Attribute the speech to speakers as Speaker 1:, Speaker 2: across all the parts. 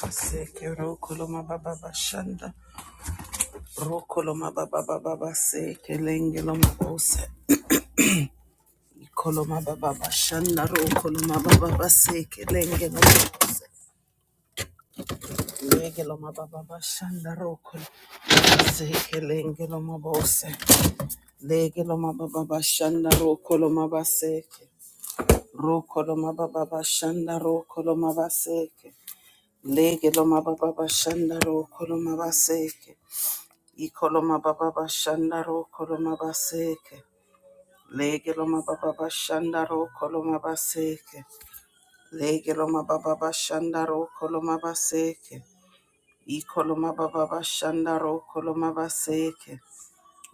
Speaker 1: Baseke rokoloma baba bashanda rokoloma baba baba baseke lengeloma bose ikoloma baba bashanda rokoloma baba baseke lengeloma bose legeloma baba bashanda rokoloma baseke lengeloma bose legeloma baba bashanda rokoloma baseke rokoloma baba bashanda rokoloma baseke legeloma baba bashanda rokoloma baseke Ikoloma baba bashandaro koloma baseke. Legeloma baba bashandaro koloma baseke. Legeloma baba bashandaro koloma baseke. Ikoloma baba bashandaro koloma baseke.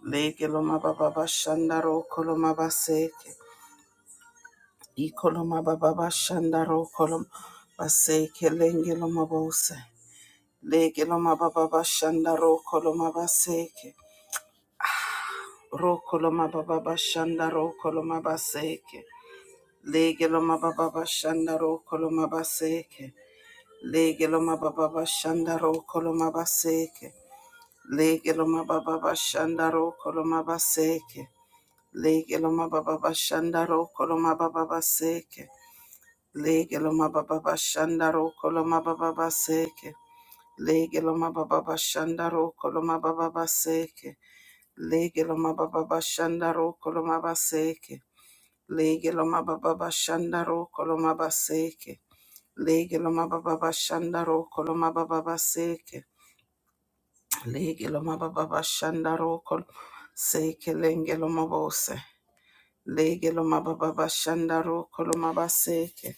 Speaker 1: Legeloma baba bashandaro koloma baseke. Ikoloma baba bashandaro koloma baseke. Lengeloma bose. Legeloma baba bashanda ro koloma baseke. Rokoloma baba bashanda rokoloma baseke. Legeloma baba bashanda rokoloma baseke. Legeloma baba bashanda rokoloma baseke. Legeloma baba bashanda rokoloma baseke. Legeloma baba bashanda rokoloma baba baseke. Legeloma baba bashanda rokoloma baba baseke. Legeloma baba bashanda rokoloma baba baseke. Legeloma baba bashanda rokoloma baseke. Lege loma baba bashanda ro koloma baseke. Lege loma baba bashanda ro koloma baba baseke. Lege loma baba bashanda ro kol seke lenge loma bose. Lege loma baba bashanda ro koloma baseke.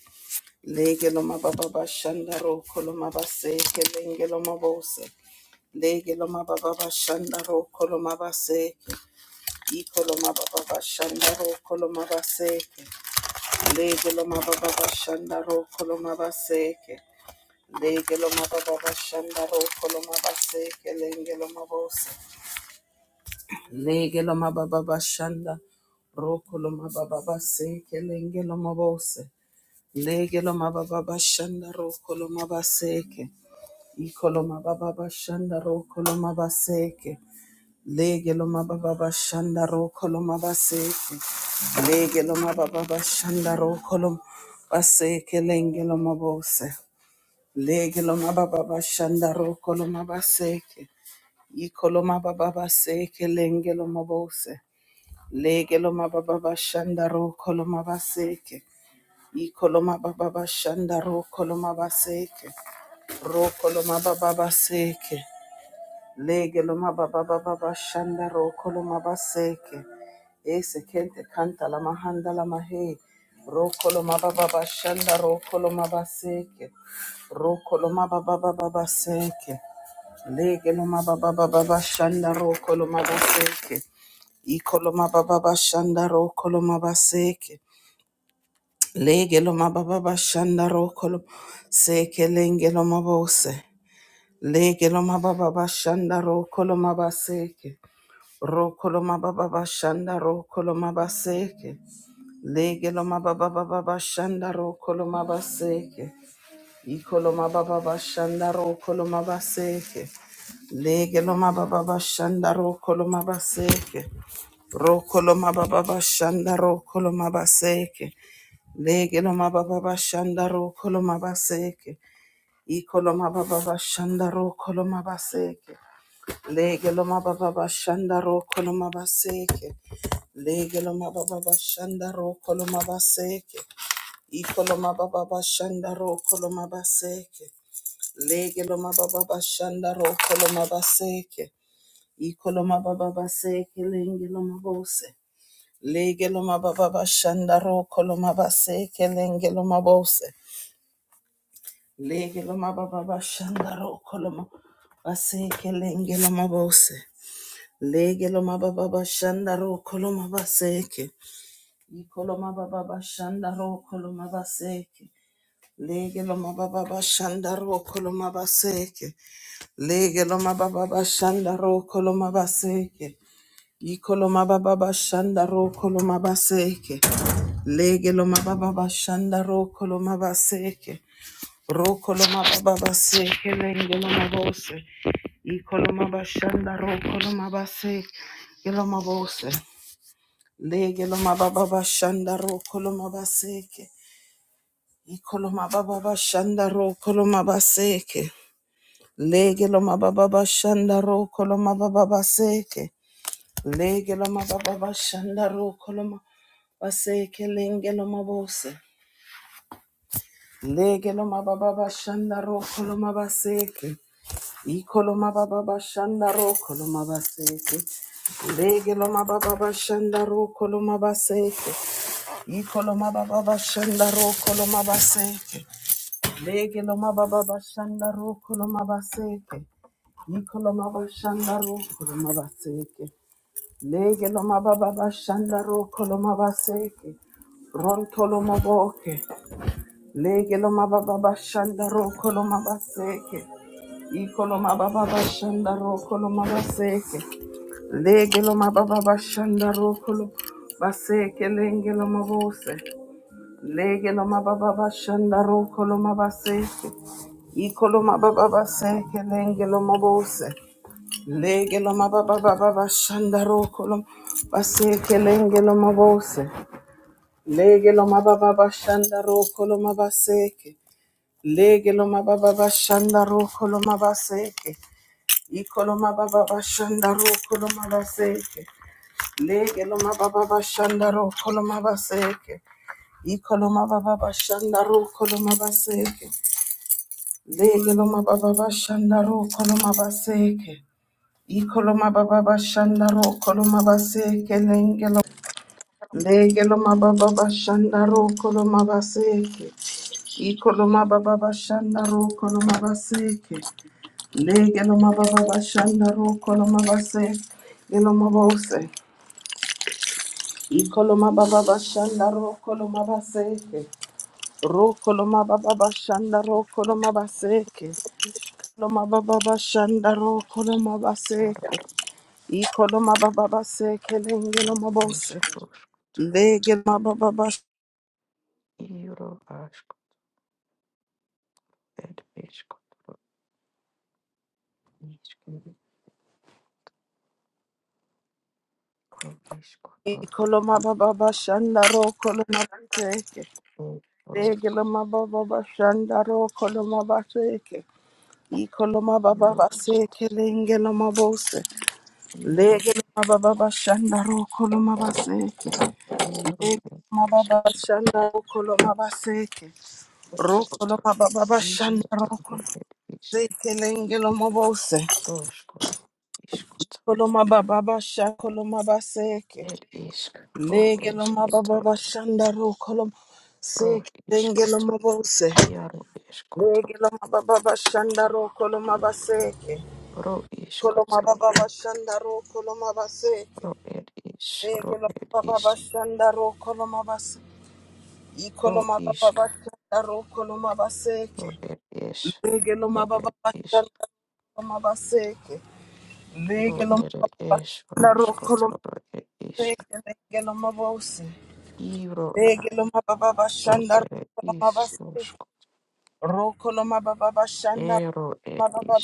Speaker 1: Lege loma baba bashanda ro koloma baseke lenge loma bose. Lege loma baba bashanda ro koloma baseke. I koloma baba bashanda ro koloma baseke. Lege lo mababa bashanda ro kolo mabaseke. Lege lo mababa bashanda ro kolo mabaseke. Lenge lo mabose. Lege lo mababa bashanda ro kolo mababa baseke. Lenge lo mabose. Lege lo mababa bashanda ro kolo mabaseke. Ikolo mababa bashanda ro kolo mabaseke. Lege lo mababa bashanda ro koloma baseke. Lege lo mababa bashanda ro kolom baseke lenge lo mabose. Lege lo mababa bashanda ro koloma baseke. I koloma baba baseke lenge lo mabose. Lege lo mababa bashanda ro koloma baseke. I koloma baba bashanda ro koloma baseke. Ro koloma baba baseke. Lege loma baba baba bashanda roko loma baseke. Ese kente kanta la mahanda la mahe. Roko loma baba bashanda roko loma baseke. Roko loma baba baba baseke. Lege loma baba baba bashanda roko loma baseke. Iko loma baba bashanda roko loma baseke. Lege loma baba bashanda roko loma seke lenge loma bose. Lege loma baba bashanda roko loma baseke. Rokoloma baba bashanda rokoloma baseke. Legeloma baba baba bashanda rokoloma baseke. Ikoloma baba bashanda rokoloma baseke. Legeloma baba bashanda rokoloma baseke. Rokoloma baba bashanda rokoloma baseke. Legeloma baba bashanda rokoloma baseke. Ikoloma baba bashanda rokoloma baseke. Lege lo mababa bashanda roko lo mabaseke. Lege lo mababa bashanda roko lo mabaseke. Iko lo mababa bashanda roko lo mabaseke. Lege lo mababa bashanda roko lo mabaseke. Iko lo mababa baseke lenge lo mabose. Lege lo mababa bashanda roko lo mabaseke lenge lo mabose. Lege lo mababa bashanda roko lo mabaseke lenge lo mabose. Lege lo mababa bashanda ro koloma baseke. Ikolo mababa bashanda ro koloma baseke. Lege lo mababa bashanda ro koloma baseke. Lege lo mababa bashanda ro koloma baseke. Ikolo mababa bashanda ro koloma baseke. Lege lo mababa bashanda ro koloma baseke. Ro koloma baba baseke lenge lo mabose. Ikolo mabashanda ro koloma baseke. Yelomabose. Lege lo mababa bashanda ro koloma baseke. Ikoloma baba bashanda ro koloma baseke. Lege lo mababa bashanda ro koloma baba baseke. Lege lo mababa bashanda ro koloma baseke lenge lo mabose. Lege lo mababa bashanda ro koloma baseke. Ikoloma baba bashanda ro koloma baseke. Lege lo mababa bashanda ro koloma baseke. Ikolomaba baba shanda ro kolomaba seke. Lege lomaba baba shanda ro kolomaba seke. Ikolomaba shanda ro kolomaba seke. Lege lomaba baba shanda ro kolomaba seke. ron Ikolomabababashandaro kolomabaseke. Legelomabababashandaro kolomabaseke. Ikolomabashandaro kolomabaseke. Legelomabababashandaro kolomabaseke. Rontolomoboke. Legelomabababashandaro kolomabaseke. Ikolomabababashandaro kolomabaseke. Legelomabababashandaro kolomabaseke. Lengelomabose. Lege lo mababa bashanda ro kolo mabaseke. Ikolo mababa baseke lenge lo mabose. Lege lo mababa baba bashanda ro kolo baseke lenge lo mabose. Lege lo mababa bashanda ro kolo mabaseke. Lege lo mababa bashanda ro kolo mabaseke. Ikolo mababa bashanda ro kolo mabaseke. Lege lo mababa bashanda ro kolo mabaseke. Ikoloma baba bashanda ro koloma baseke. Lege baba bashanda ro koloma baseke. Ikoloma baba bashanda ro koloma baseke lenge lo. baba bashanda ro koloma baseke. Ikoloma baba bashanda ro koloma baseke. Lege baba bashanda ro koloma baseke. Loma bose. Ikoloma baba bashanda ro koloma baseke. Rokoloma baba bashanda rokoloma baseke. Loma baba bashanda rokoloma baseke. Ikoloma baba baseke lengeloma bose. Legeloma baba bash. Ikoloma baba bashanda rokoloma baseke. Legeloma baba bashanda rokoloma baseke. Ikoloma baba baseke lengeloma bose. Legeloma baba bashanda rokoloma baseke. Mababa shanda rokolo mabaseke. Rokolo mababa shanda rokolo seke lengelo mabose. Kolo mababa shakolo mabaseke. Legelo mababa shanda rokolo seke lengelo mabose. Legelo mababa shanda rokolo mabaseke. Kolo mababa shanda rokolo mabaseke. Legelo mababa shanda rokolo mabase. Ikolo mababa shanda rokolo mabaseke. Lege lo mababa bashanda lo mabaseke. Lege lo mababa bashanda roko lo maseke. Lege lo mabose. Lege lo mababa bashanda roko lo mabaseke. Roko lo mababa bashanda roko lo mababa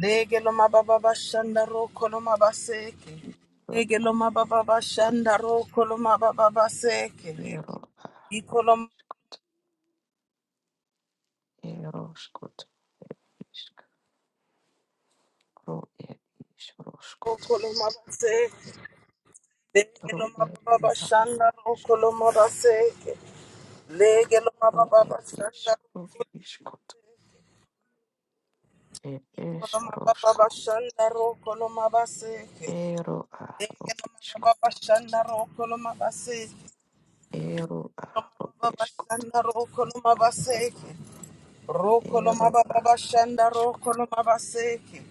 Speaker 1: Lege lo mababa bashanda roko lo mabaseke. Lege lo mababa bashanda roko lo mababa Iko lo roko lo mabaseke. Lege lo mababa bashanda roko lo mabaseke. Legelo mababa shanda rokolo mababa shanda rokolo mabaseke. Legelo mababa shanda rokolo mabaseke. Mababa shanda rokolo mabaseke. Rokolo mababa shanda rokolo mabaseke.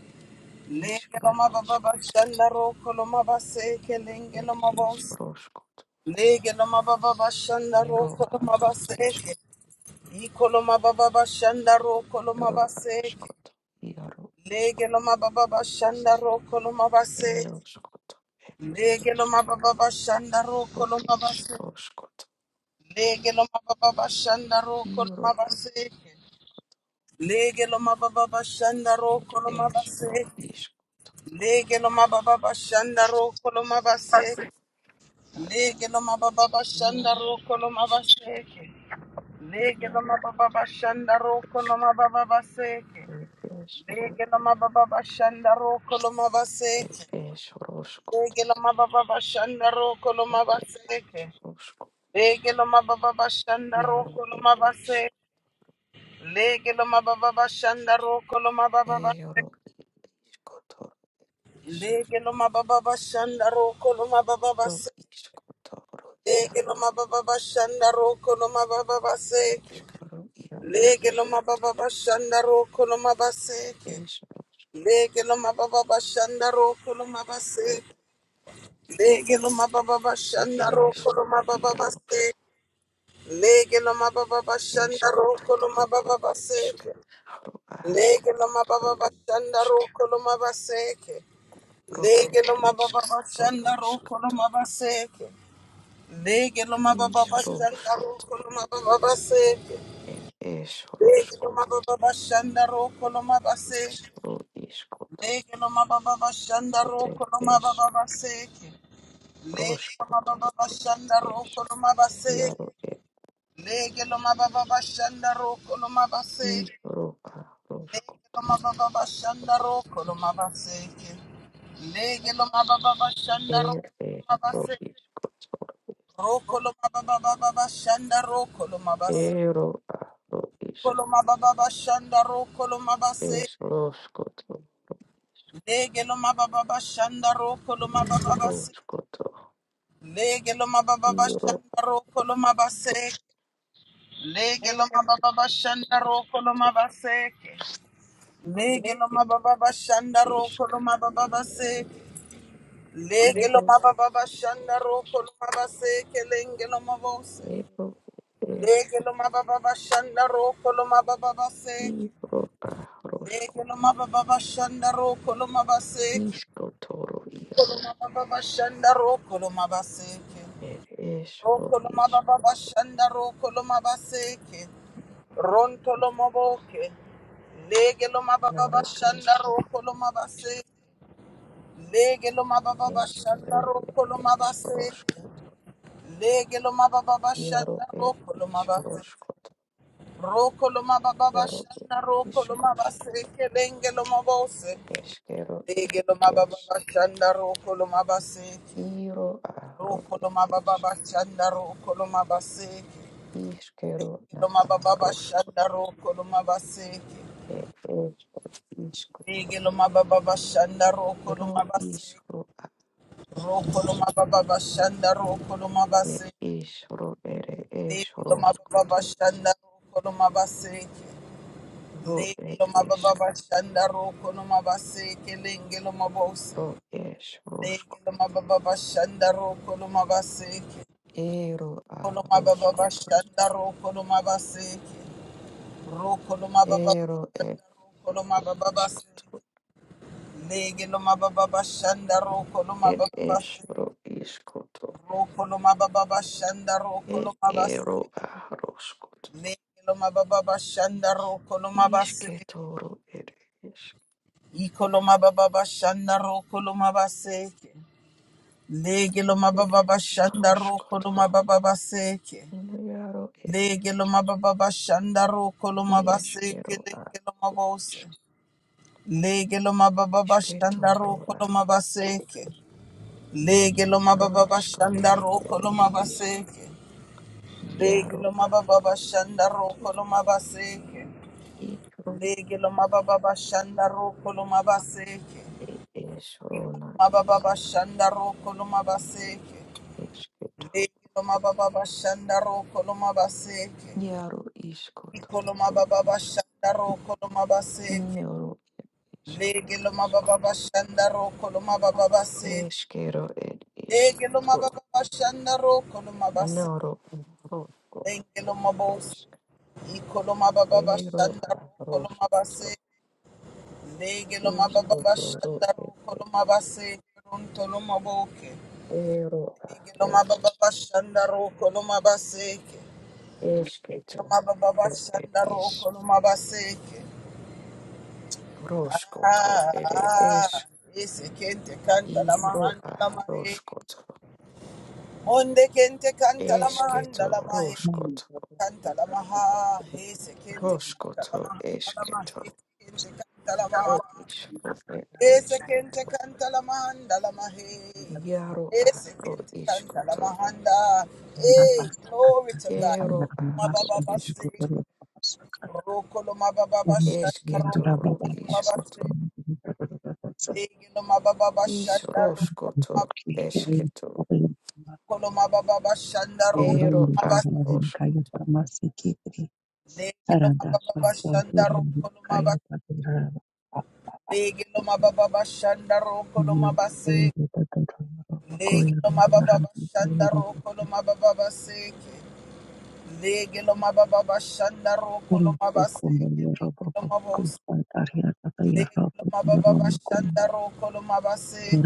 Speaker 1: Legelo mababa shanda rokolo mabaseke. Lengelo mabons. Legelo mababa shanda rokolo mabaseke. Ikolo mababa shanda rokolo mabaseke. Lege lo mababa bashanda roko lo mabase. Lege lo mababa bashanda roko lo mabase. Lege lo mababa bashanda roko lo mabase. Lege lo mababa bashanda roko lo mabase. Lege lo mababa bashanda roko lo mabase. Lege lo mababa bashanda roko lo mabase. Lege lo mababa bashanda roko lo mababa baseke. Lege lo mababa bashanda roko lo mabase. Regelo mababa bashanda roko lo mabaseke. Regelo mababa bashanda roko lo mabase. Regelo mababa bashanda roko lo mababa ba. Regelo mababa bashanda roko lo mababa base. Regelo mababa bashanda roko lo mababa baseke. Regelo mababa bashanda roko lo mabaseke. Regelo mababa bashanda roko lo mabase. Regelo mababa bashanda roko lo mababa base. Lege no mababa bashanda roko no mababa baseke. Lege no mababa bashanda roko no mabaseke. Lege no mababa bashanda roko no mabaseke. Lege no mababa bashanda roko no mababa baseke. Lege no mababa bashanda roko no mabaseke. Lege no mababa bashanda roko no mababa baseke. Lege no mababa bashanda roko no mabaseke. Lege lo mababa bashanda roko no mabaseke. Lege lo mababa bashanda ro koloma babase. Lege lo mababa shanda roko lo mabase kelenge mabose. Lege mababa shanda roko lo mababa se. Lege mababa shanda roko lo mabase. Lo mababa shanda roko lo mabase. Roko lo mababa shanda roko lo mabase. Ronto lo maboke. Lege mababa shanda roko lo mabase. Lege mababa shanda roko lo mabase. Lege lo mababa bashanda roko lo mabase. Roko lo mababa bashanda roko lo mabase. Kelenge lo mabose. Lege mababa bashanda roko lo mabase. Roko lo mababa bashanda roko lo mabase. Lege mababa bashanda roko lo mabase. Lege mababa bashanda roko lo mabase. Roko lo mababa bashanda roko lo mabase. Lege mababa bashanda roko lo mabase. Lengelo mababa shanda roko no mabaseke lengelo mabose. Lengelo mababa shanda roko no mabaseke. Kolo mababa shanda roko no mabaseke. Roko no mababa shanda roko no mababa seke. Lengelo mababa shanda roko no mababa seke. Roko no mababa shanda roko no mabaseke. Lengelo mababa shanda roko no mabaseke. Ikolo mababa shanda roko no mabaseke. Lege lo mababa bashanda roko lo mababa baseke. Lege lo mababa bashanda roko lo mabaseke lenge lo mabose. Lege lo mababa bashanda roko lo mabaseke. Lege lo mababa bashanda roko lo mabaseke. Lege lo mababa bashanda roko lo mabaseke. Lege lo mababa bashanda roko lo mabaseke. Mababa bashanda roko lo mabaseke. Legeloma baba bashanda ro koloma baseke. Ikoloma baba bashanda ro koloma baseke. Legeloma baba bashanda ro koloma baba baseke. Legeloma baba bashanda ro koloma baseke. Legeloma bos. Ikoloma baba bashanda ro koloma baseke. Legeloma baba bashanda ro koloma baseke. Rontoloma boke. Legeloma baba bashanda ro koloma baseke. Mababa Shandaro Kolumabaseke. Ah, ese kente canta la mahanda la mahe. Onde kente canta la mahanda la mahe canta la maha hese kente canta la mahanda la mahe Ese kente canta la maha hese kente canta la mahanda la mahe hese kente canta la mahanda hey glory to God Mababa Rokolo mababa bashanda rokolo mababa bashe legelo mababa bashanda rokolo mababa bashanda rokolo mabase legelo mababa bashanda rokolo mabase legelo mababa bashanda rokolo mabase legelo mababa bashanda rokolo mababa baseke legelo mababa bashanda rokolo mabaseke legelo mabose legelo mababa bashanda rokolo mabase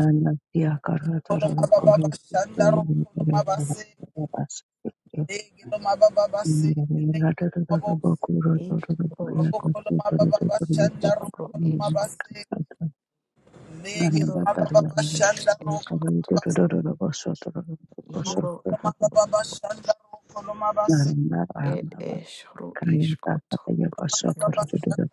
Speaker 1: Thank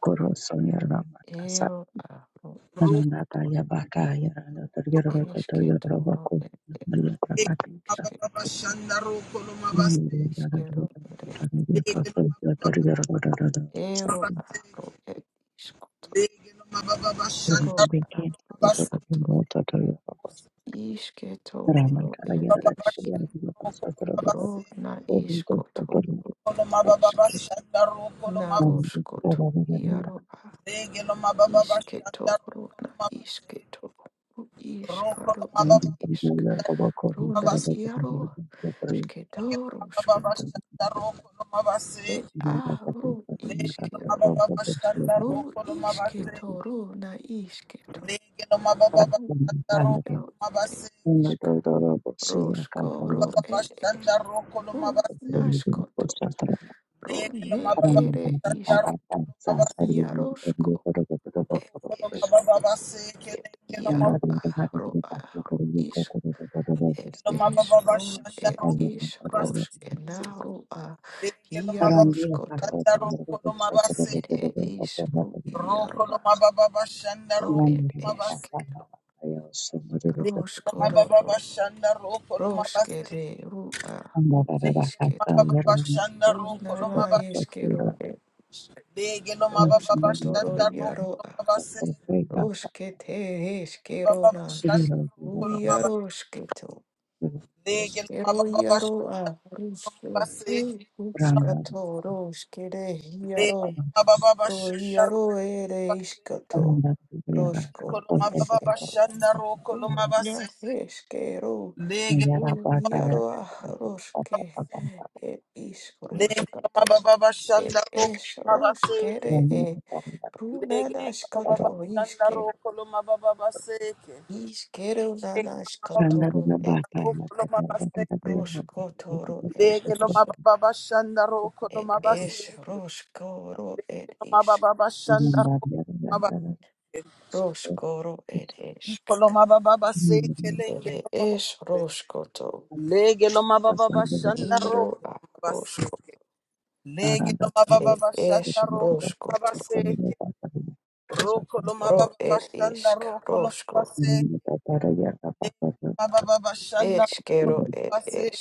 Speaker 1: you. Legelo mababa baseke, legelo Legelo Legelo mababa bashandaro kolomabase, Lege lo mababa bashanda roko mabaseke. Lege lo mababa bashanda roko mabaseke. Roko lo mababa bashanda roko lo mabaseke. Lege lo mababa bashanda roko lo mabaseke.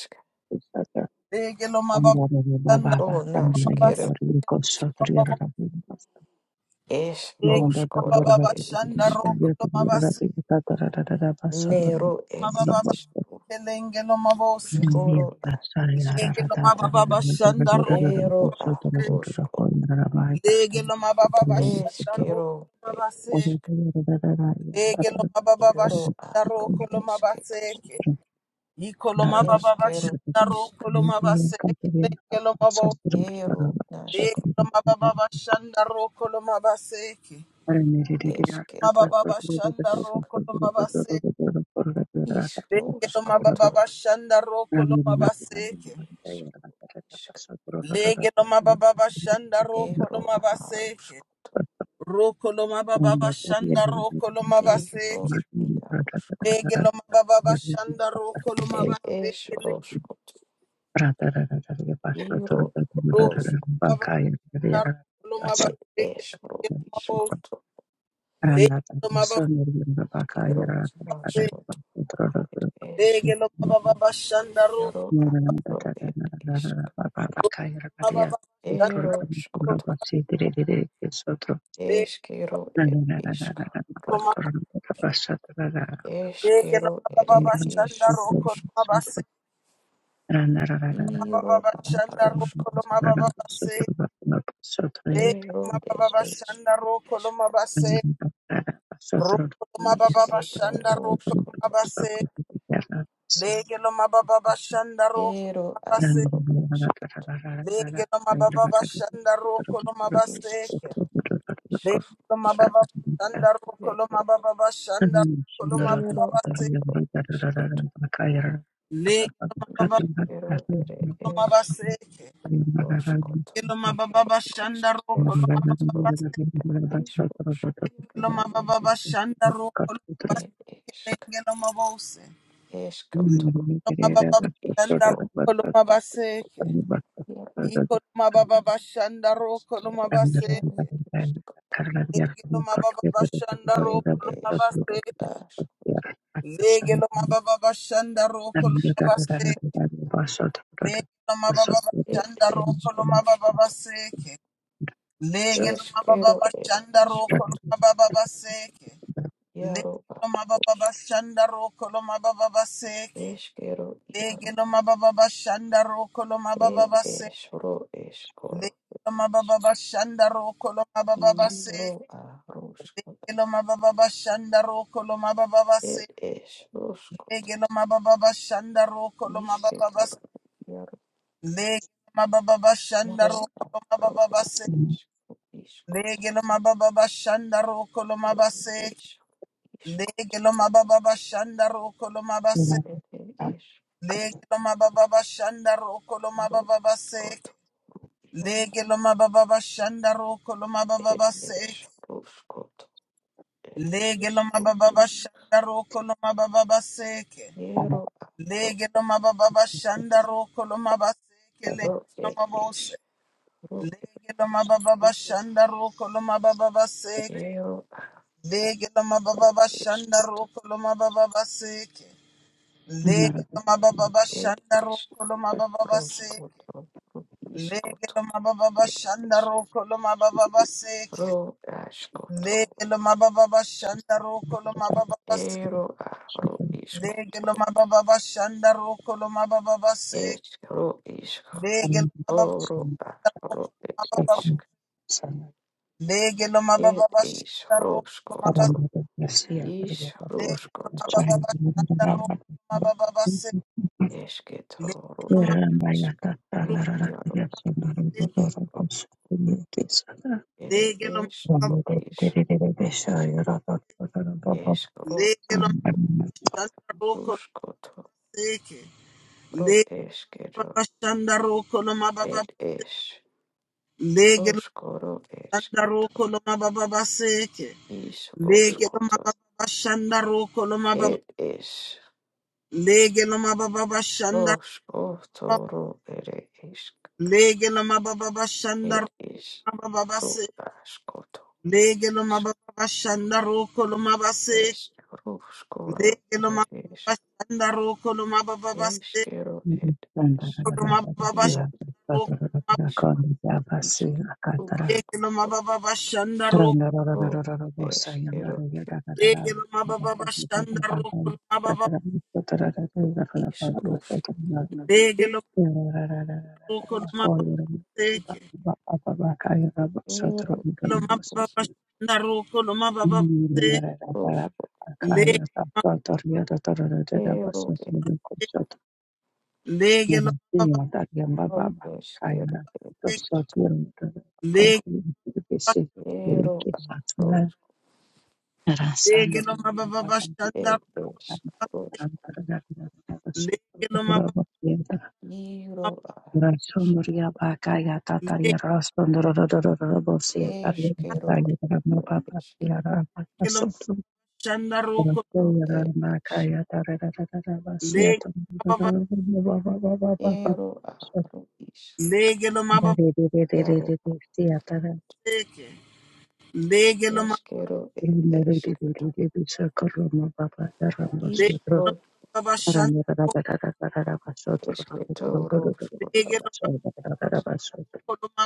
Speaker 1: Lege lo mababa bashanda mabaseke. Lege lo mababa bashanda roko lo mabaseke. Mababa baseke lenge lo mabose. Lege lo mababa bashanda roko. Lege lo mababa bashanda roko lo mabaseke. Ege lo mababa bashanda roko lo mabaseke. Iko lo mababa bashanda roko lo mabaseke. Lege lo mabo. Ege lo mababa bashanda roko lo mabaseke. Mababa bashanda roko lo mabaseke. Lege lo mababa bashanda roko lo mabaseke. Lege lo mababa bashanda roko lo mabaseke. Roko lo mababa bashanda roko lo mabaseke. Lege lo mababa bashanda roko lo mabaseke. Roko mava ndaro mava leke leke mavo leke mava se leke mava mava shanda roko mava mava shanda roko mava leke mava mava shanda roko mava se mava mava shanda roko mava mava se leke mava mava shanda roko mava se roko mava mava shanda roko mava se leke mava mava shanda roko Lege loma baba bashanda roko loma baseke. Lege loma baba bashanda roko loma baba bashanda roko loma baba baseke. Lege loma baba loma baseke. Lege loma baba bashanda roko loma baba baseke. Loma baba bashanda roko loma baseke. Lege loma bose. Loma baba bashanda roko loma baseke. Iko loma baba bashanda roko loma baseke. Lege loma baba bashanda roko loma baseke. Lege lo mababa bashanda roko lo mabase. Lege lo mababa bashanda roko lo mababa baseke. Lege lo mababa bashanda roko lo mababa baseke. Lege lo mababa bashanda roko lo mababa baseke. Lege lo mababa bashanda roko lo mababa base. Lege lo mababa bashanda roko lo mababa baseke. Lege lo mababa bashanda roko lo mababa base. Lege lo mababa bashanda roko lo mababa Legelo mababa shanda rokolo mababa base. Legelo mababa shanda rokolo mabase. Legelo mababa shanda rokolo mabase. Legelo mababa shanda rokolo mababa base. Legelo mababa shanda rokolo mababa base. Legelo mababa shanda rokolo mababa base. Legelo mababa shanda rokolo mabase. Legelo mabose. Legiloma baba bashanda roko loma baba baseke. Legiloma baba bashanda roko loma baba baseke. Legiloma baba bashanda roko loma baba baseke. Legiloma baba bashanda roko loma baba baseke. Legiloma baba bashanda roko loma baba baseke. Legiloma baba bashanda roko loma baba baseke. Legiloma baba bashanda roko loma baba baseke. Legiloma baba bashanda roko Lege lo mababa shandaro kolomabase Lege lo mababa shanda roko lo mababa seko lo mababa shanda roko lo mababa lege lo mababa shanda roko lege lo mababa shanda roko lo mababa lege lo roko lo mababa seke lo mababa shanda roko lo mababa se lege lege lo mababa seke lege lege lo mababa shanda roko lege lo mababa lege lo shanda roko lege lo mababa lege lo Beke, beke lo ma- beke lo ba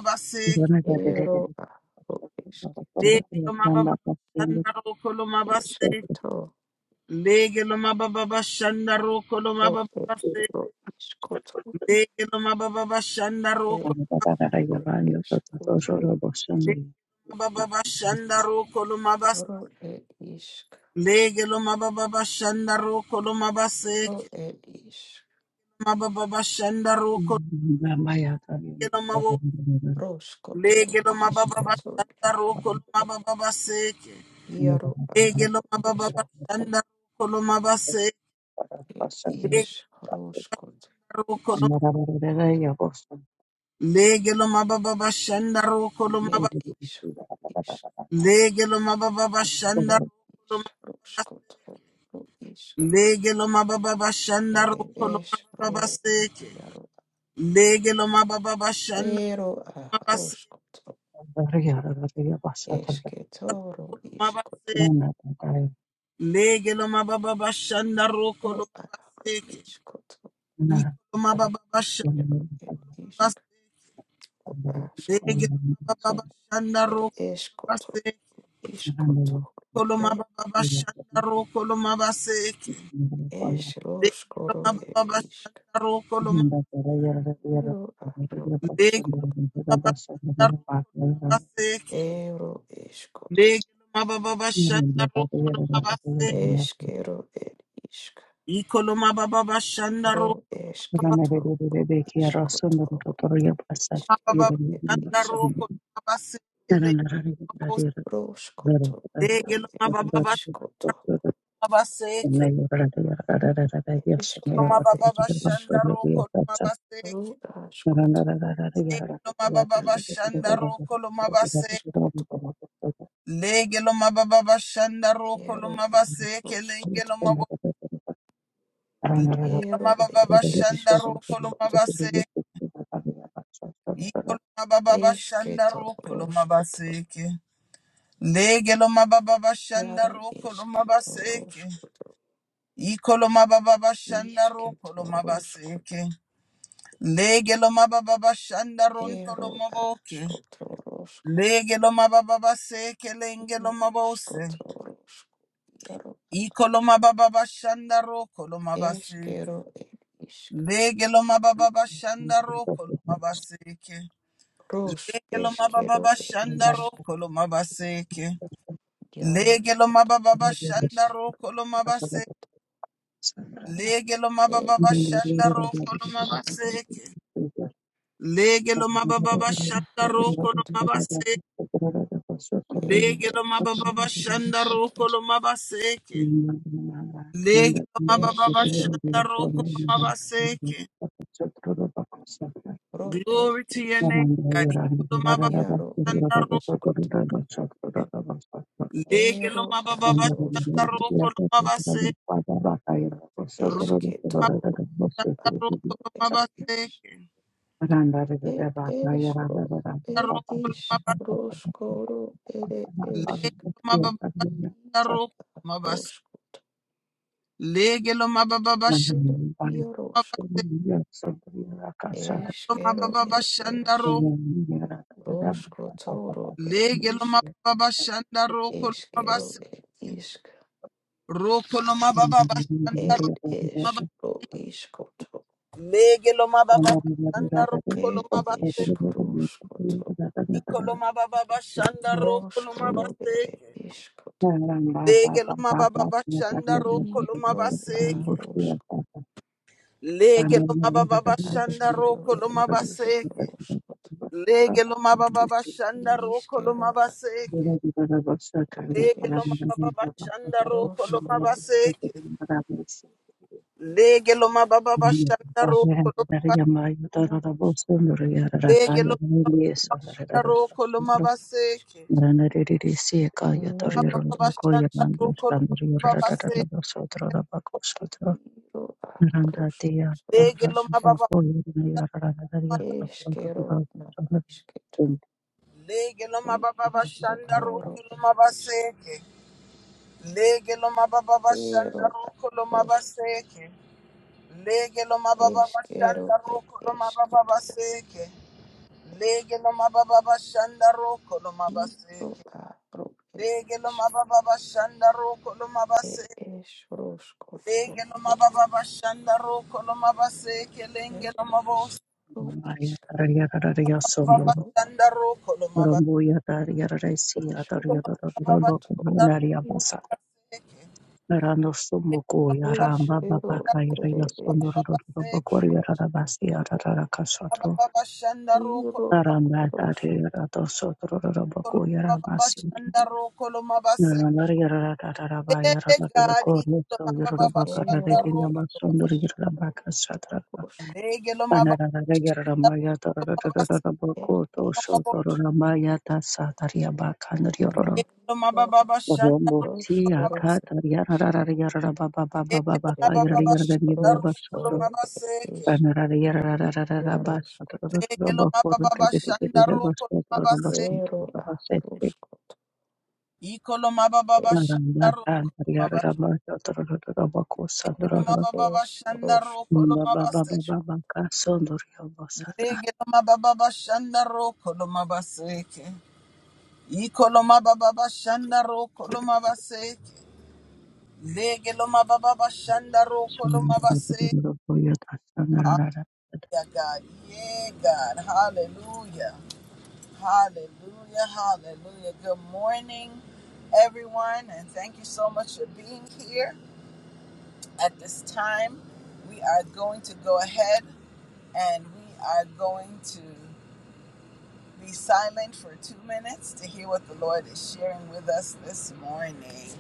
Speaker 1: ba ba shanda ro ko ba seke, beke ma ba ba ba shanda ro ko ba ba seke, ma ba ba ba shanda ro ko beke lo ma ba ba ba shanda ro ko ba seke, beke ma ba ba ba shanda ro ko lo ma ba ma ba ba ba shanda ro ko beke lo ma ma ba ba ba shanda ro ko ba ba Lege koloma baba bashanda ro koloma baseke bege loma baba bashanda ro koloma bege loma baba bashanda ro baseke bege loma baba bashanda ro koloma baseke ikoloma baba bashanda ro baba bashanda ro koloma baseke le bege loma baba baseke koloma baba bashanda ro koloma baseke bege loma baba bashanda ro koloma Lege lo mababa bashanda roko lo mabase kelenge mabo lege mababa bashanda roko lo mabase iko mababa bashanda roko lo mabase ke mababa bashanda roko lo mabase ke mababa bashanda roko lo mabase ke mababa bashanda ronto lo maboke lege mababa base kelenge mabose Ikoloma baba bashanda ro koloma Legelo mababa bashanda roko lo mabaseke. Lege mababa bashanda roko lo mabaseke. Lege mababa bashanda roko lo mabaseke. Lege mababa bashanda roko lo mabaseke. Lege mababa bashanda roko lo mabaseke. Lege mababa bashanda roko lo mabaseke. Lege mababa bashanda roko lo mabaseke. Glory to your name, God. Iko mababa bashanda roko. Lege lo mababa bashanda roko lo mabase. Roma bashanda roko lo mabase. Roko lo mabase. Lege lo mababa bashanda roko lo mabase. Lege lo mababa bashanda mabase. Lo mababa bashanda roko. Lege lo mababa bashanda roko lo mabase. Roko lo mababa bashanda roko lo mabase. Lege lo mababa bashanda roko lo mabase. Iko lo mababa bashanda roko lo mabase. Lege loma baba bashanda roko loma baseke. Lege loma baba bashanda roko loma baseke. Lege loma baba bashanda roko loma baseke. Lege loma baba bashanda roko loma baseke. Lege loma baba bashanda roko loma Lege loma roko loma baseke. Baba bashanda roko loma baseke. Lege loma baba Lege loma baba bashanda roko loma baseke. Lege lo mababa bashanda roko lo mabaseke. Lege lo mababa bashanda roko lo mababa baseke. Lege lo mababa bashanda roko lo mabaseke. Lege lo mababa bashanda roko lo mabaseke. Lege lo mababa bashanda roko lo mabaseke. Lenge lo mabos mababa bashanda roko lo mababa bashanda roko baseke. Baseke mababa bashanda roko lo mababa bashanda roko lo mabaseke. Eh, God, ikolo mama baba shanda roko lo mama. Lege lo mama baba shanda roko lo mama se lo mama. Lege lo mama baba shanda roko lo se. Lege lo mama baba shanda roko lo mama se ke. Lege lo mama baba shanda roko lo mama se. Ikolo mama baba shanda roko lo mama. Lege lo mama baba shanda roko lo mama se. Lege lo mama baba shanda roko lo mama se ke. Ikoloma baba bashanda ro koloma base lege loma baba bashanda ro koloma base. Hallelujah, God, yeah, God, Hallelujah, Hallelujah, Hallelujah. Good morning, everyone, and thank you so much for being here at this time. We are going to go ahead and we are going to be silent for two minutes to hear what the Lord is sharing with us this morning.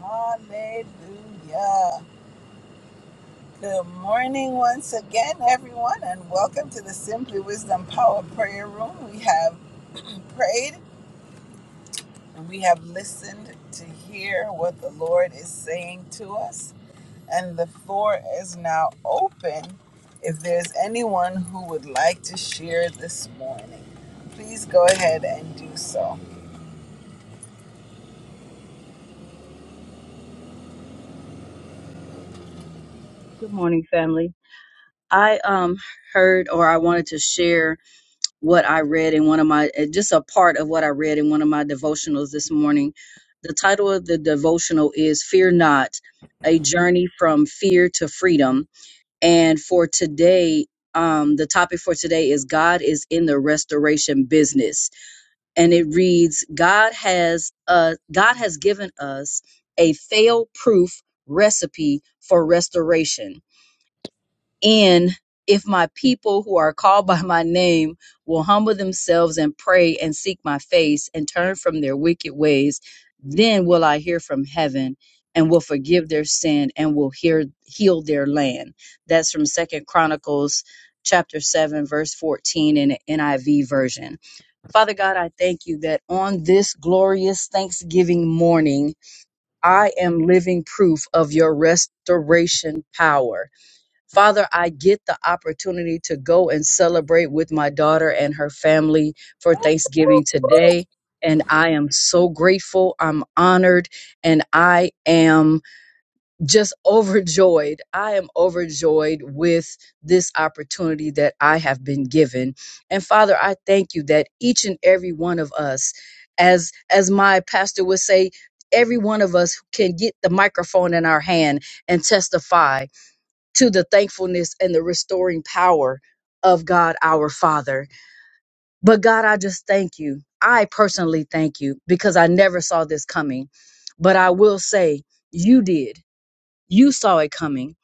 Speaker 1: Hallelujah. Good morning once again, everyone, and welcome to the Simply Wisdom Power Prayer Room. We have prayed and we have listened to hear what the Lord is saying to us, and the floor is now open. If there's anyone who would like to share this morning, please go ahead and do so.
Speaker 2: Good morning, family. I um heard or I wanted to share what I read in one of my uh, just a part of what I read in one of my devotionals this morning. The title of the devotional is Fear Not: A Journey from Fear to Freedom. And for today, um the topic for today is God is in the restoration business. And it reads God has uh God has given us a fail-proof recipe for restoration and if my people who are called by my name will humble themselves and pray and seek my face and turn from their wicked ways, then will I hear from heaven and will forgive their sin and will hear, heal their land. That's from Second Chronicles chapter 7 verse 14 in the NIV version. Father God, I thank you that on this glorious Thanksgiving morning, I am living proof of your restoration power. Father, I get the opportunity to go and celebrate with my daughter and her family for Thanksgiving today. And I am so grateful. I'm honored and I am just overjoyed. I am overjoyed with this opportunity that I have been given. And Father, I thank you that each and every one of us, as, as my pastor would say, every one of us can get the microphone in our hand and testify to the thankfulness and the restoring power of God our Father. But God, I just thank you. I personally thank you because I never saw this coming. But I will say, you did. You saw it coming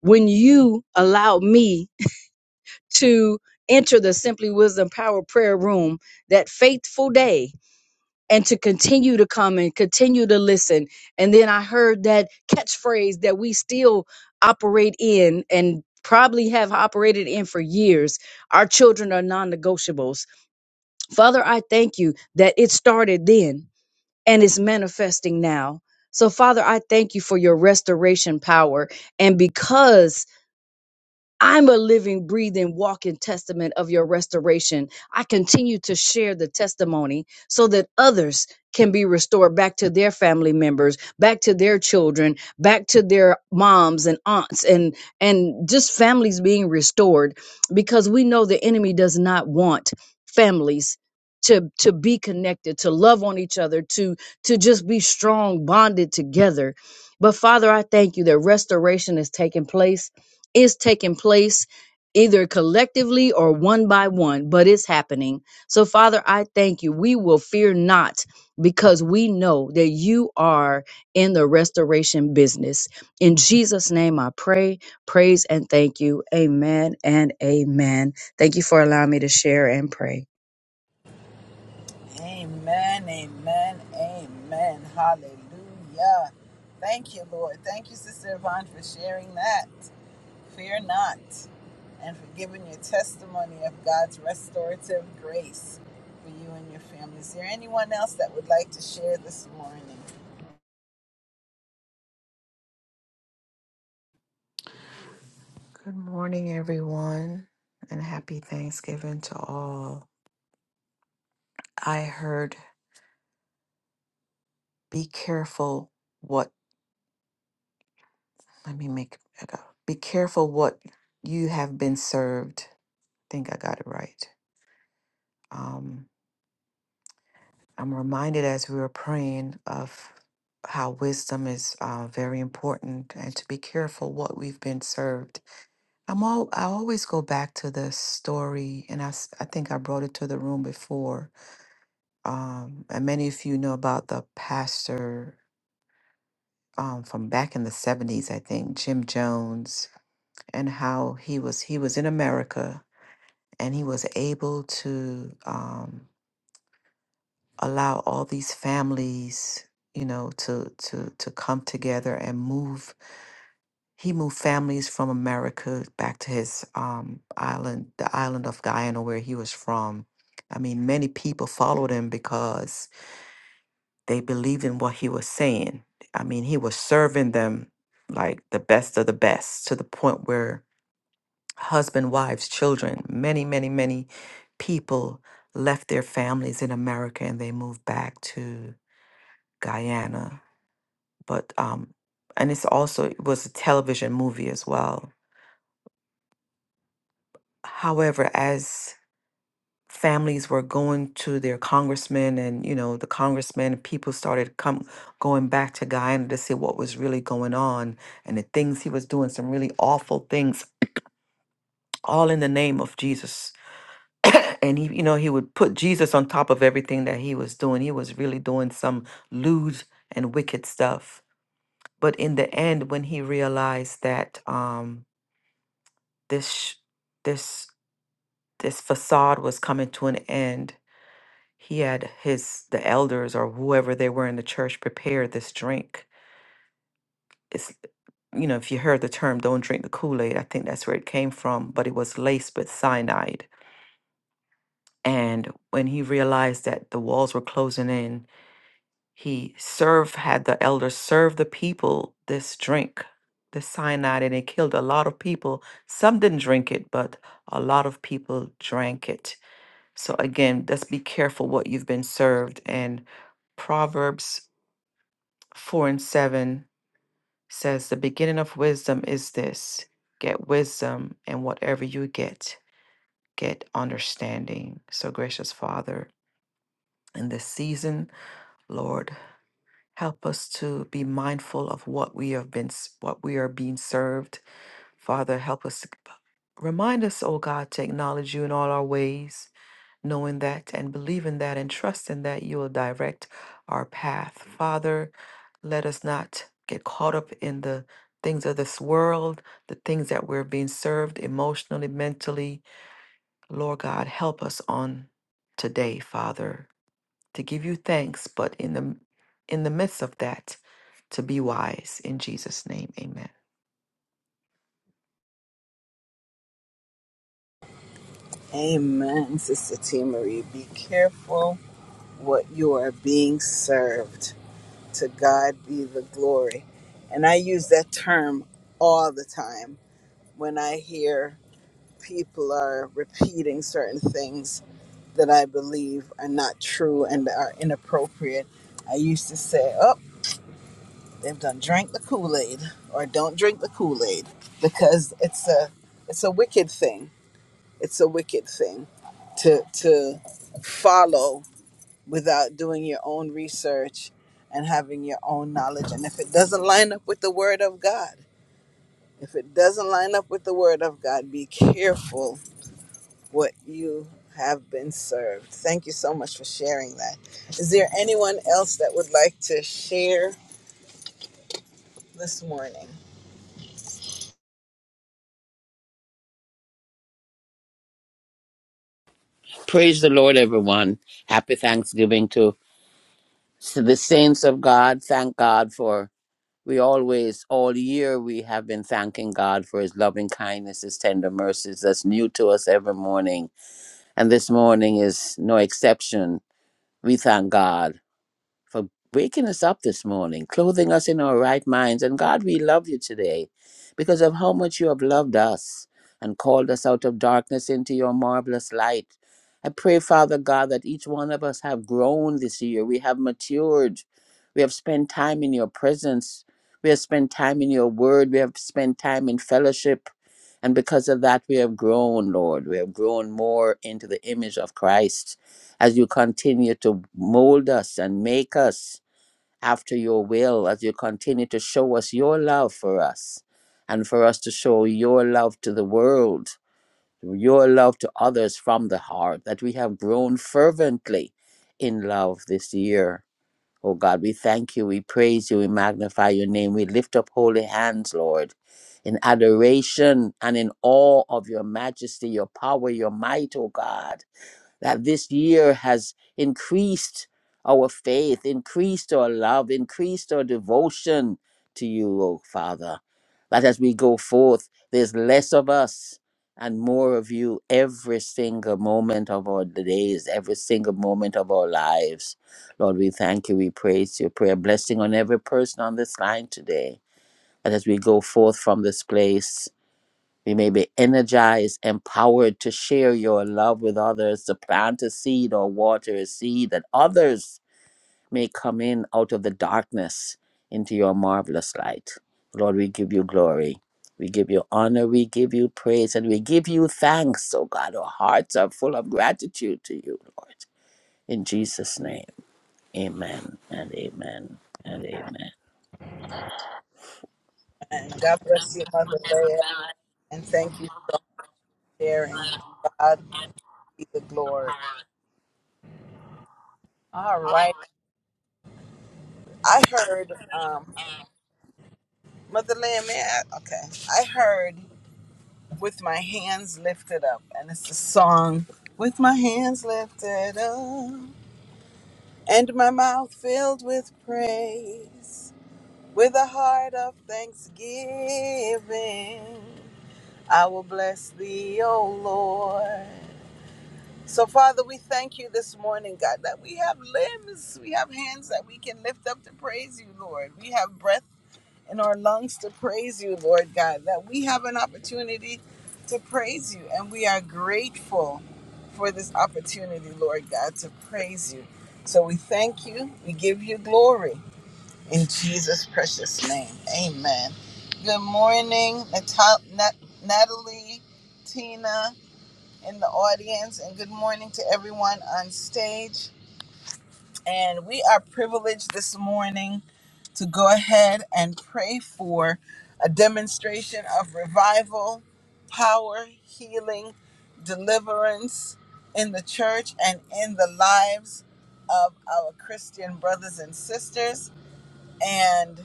Speaker 2: when you allowed me to enter the Simply Wisdom Power Prayer Room that faithful day and to continue to come and continue to listen. And then I heard that catchphrase that we still operate in and probably have operated in for years. Our children are non negotiables. Father, I thank you that it started then and it's manifesting now. So, Father, I thank you for your restoration power. And because I'm a living, breathing, walking testament of your restoration. I continue to share the testimony so that others can be restored back to their family members, back to their children, back to their moms and aunts and and just families being restored because we know the enemy does not want families to to be connected, to love on each other, to to just be strong bonded together. But Father, I thank you that restoration is taking place is taking place either collectively or one by one, but it's happening. So, Father, I thank you. We will fear not because we know that you are in the restoration business. In Jesus' name, I pray, praise, and thank you. Amen and amen. Thank you for allowing me to share and pray.
Speaker 1: Amen, amen, amen. Hallelujah. Thank you, Lord. Thank you, Sister Yvonne, for sharing that. Fear not, and for giving your testimony of God's restorative grace for you and your family. Is there anyone else that would like to share this morning?
Speaker 3: know, to to to come together and move. He moved families from America back to his um, island, the island of Guyana, where he was from. I mean, many people followed him because they believed in what he was saying. I mean, he was serving them like the best of the best to the point where husband, wives, children, many, many, many people left their families in America and they moved back to Guyana but um and it's also it was a television movie as well however as families were going to their congressmen and you know the congressmen people started come going back to guyana to see what was really going on and the things he was doing some really awful things all in the name of jesus and he you know he would put jesus on top of everything that he was doing he was really doing some lewd and wicked stuff but in the end when he realized that um, this sh- this this facade was coming to an end he had his the elders or whoever they were in the church prepare this drink it's you know if you heard the term don't drink the kool-aid i think that's where it came from but it was laced with cyanide and when he realized that the walls were closing in he served had the elders serve the people this drink the cyanide and it killed a lot of people some didn't drink it but a lot of people drank it So again, let's be careful what you've been served. And Proverbs 4 and 7 says, The beginning of wisdom is this get wisdom, and whatever you get, get understanding. So, gracious Father, in this season, Lord, help us to be mindful of what we have been, s- what we are being served. Father, help us. to- Remind us, oh God, to acknowledge you in all our ways knowing that and believing that and trusting that you will direct our path. Father, let us not get caught up in the things of this world, the things that we're being served emotionally, mentally. Lord God, help us on today, Father to give you thanks, but in the in the midst of that, to be wise in Jesus' name. Amen.
Speaker 1: Amen, Sister T. Marie. Be careful what you are being served. To God be the glory. And I use that term all the time when I hear people are repeating certain things that I believe are not true and are inappropriate. I used to say, oh, they've done drank the Kool Aid or don't drink the Kool Aid because it's a it's a wicked thing. It's a wicked thing to to follow without doing your own research and having your own knowledge. And if it doesn't line up with the Word of God, if it doesn't line up with the Word of God, be careful what you have been served. Thank you so much for sharing that. Is there anyone else that would like to share this morning?
Speaker 4: Praise the Lord, everyone. Happy Thanksgiving to, to the saints of God. Thank God for we always, all year, we have been thanking God for his loving kindness, his tender mercies that's new to us every morning. And this morning is no exception. We thank God for waking us up this morning, clothing us in our right minds. And God, we love you today because of how much you have loved us and called us out of darkness into your marvelous light. I pray, Father God, that each one of us have grown this year. We have matured. We have spent time in your presence. We have spent time in your word. We have spent time in fellowship. And because of that, we have grown, Lord. We have grown more into the image of Christ as you continue to mold us and make us after your will, as you continue to show us your love for us and for us to show your love to the world, your love to others from the heart, that we have grown fervently in love this year. Oh God, we thank you, we praise you, we magnify your name, we lift up holy hands, Lord, in adoration and in awe of your majesty, your power, your might, oh God that this year has increased our faith, increased our love, increased our devotion to you, O Father. That as we go forth, there's less of us and more of you every single moment of our days, every single moment of our lives. Lord, we thank you. We praise you. prayer blessing on every person on this line today. That as we go forth from this place, we may be energized, empowered to share your love with others, to plant a seed or water a seed that others may come in out of the darkness into your marvelous light. Lord, we give you glory. We give you honor. We give you praise. And we give you thanks, oh God. Our hearts are full of gratitude to you, Lord. In Jesus' name, amen and amen and amen.
Speaker 1: And God bless you, Mother Leah, and thank you for sharing. God be the glory. All right. I heard, um, Mother Leah, may I? Okay. I heard with my hands lifted up, and it's a song with my hands lifted up and my mouth filled with praise. With a heart of thanksgiving, I will bless thee, O Lord. So, Father, we thank you this morning, God, that we have limbs, we have hands that we can lift up to praise you, Lord. We have breath in our lungs to praise you, Lord God, that we have an opportunity to praise you. And we are grateful for this opportunity, Lord God, to praise you. So, we thank you, we give you glory. In Jesus' precious name, amen. Good morning, Natal- Nat- Natalie, Tina in the audience, and good morning to everyone on stage. And we are privileged this morning to go ahead and pray for a demonstration of revival, power, healing, deliverance in the church and in the lives of our Christian brothers and sisters. And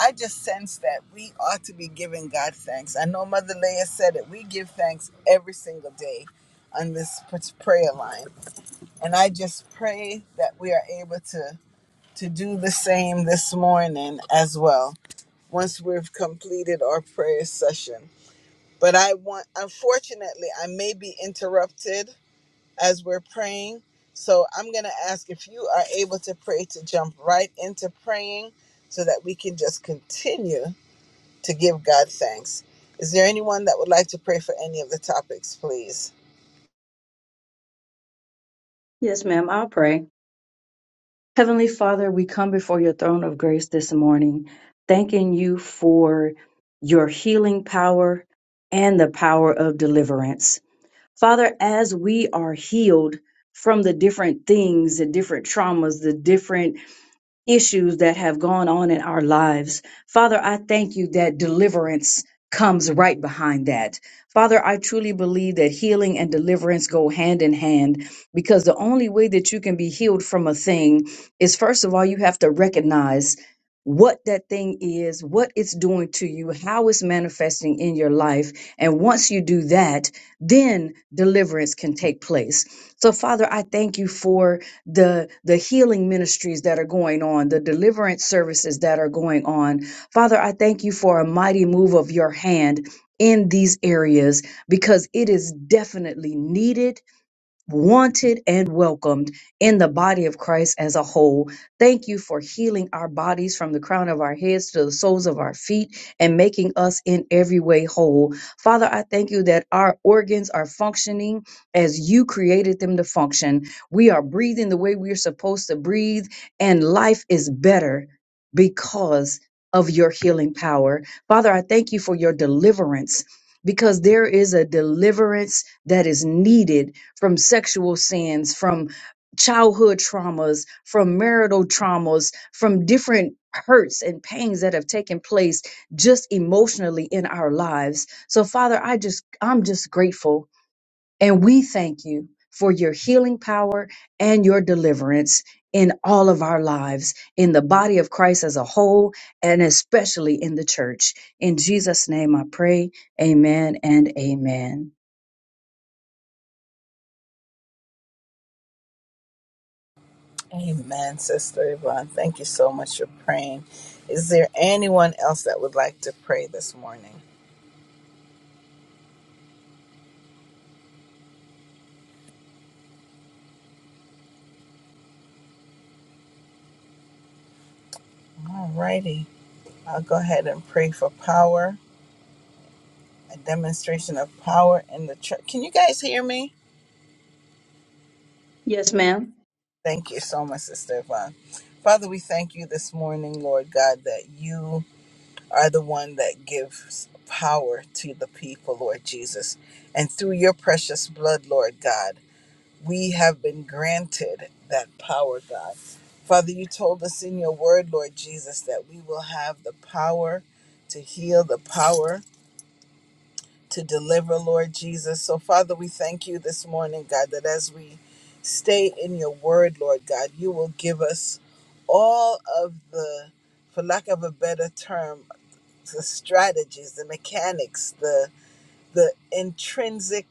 Speaker 1: I just sense that we ought to be giving God thanks. I know Mother Leah said it. We give thanks every single day on this p- prayer line. And I just pray that we are able to, to do the same this morning as well once we've completed our prayer session. But I want, unfortunately, I may be interrupted as we're praying. So I'm going to ask if you are able to pray to jump right into praying so that we can just continue to give God thanks. Is there anyone that would like to pray for any of the topics, please?
Speaker 2: Yes, ma'am. I'll pray. Heavenly Father, we come before your throne of grace this morning, thanking you for your healing power and the power of deliverance. Father, as we are healed from the different things, the different traumas, the different issues that have gone on in our lives. Father, I thank you that deliverance comes right behind that. Father, I truly believe that healing and deliverance go hand in hand because the only way that you can be healed from a thing is first of all, you have to recognize what that thing is, what it's doing to you, how it's manifesting in your life. And once you do that, then deliverance can take place. So, Father, I thank you for the the healing ministries that are going on, the deliverance services that are going on. Father, I thank you for a mighty move of your hand in these areas because it is definitely needed wanted and welcomed in the body of Christ as a whole. Thank you for healing our bodies from the crown of our heads to the soles of our feet and making us in every way whole. Father, I thank you that our organs are functioning as you created them to function. We are breathing the way we're supposed to breathe, and life is better because of your healing power. Father, I thank you for your deliverance because there is a deliverance that is needed from sexual sins, from childhood traumas, from marital traumas, from different hurts and pains that have taken place just emotionally in our lives. So Father, I just I'm just grateful and we thank you for your healing power and your deliverance in all of our lives, in the body of Christ as a whole, and especially in the church. In Jesus' name I pray. Amen and amen.
Speaker 1: Amen, Sister Yvonne. Thank you so much for praying. Is there anyone else that would like to pray this morning? All righty. I'll go ahead and pray for power, a demonstration of power in the church. Can you guys hear me?
Speaker 2: Yes, ma'am.
Speaker 1: Thank you so much, Sister Yvonne. Father, we thank you this morning, Lord God, that you are the one that gives power to the people, Lord Jesus. And through your precious blood, Lord God, we have been granted that power, God. Father, you told us in your word, Lord Jesus, that we will have the power to heal, the power to deliver, Lord Jesus. So, Father, we thank you this morning, God, that as we stay in your word, Lord God, you will give us all of the, for lack of a better term, the strategies, the mechanics, the the intrinsic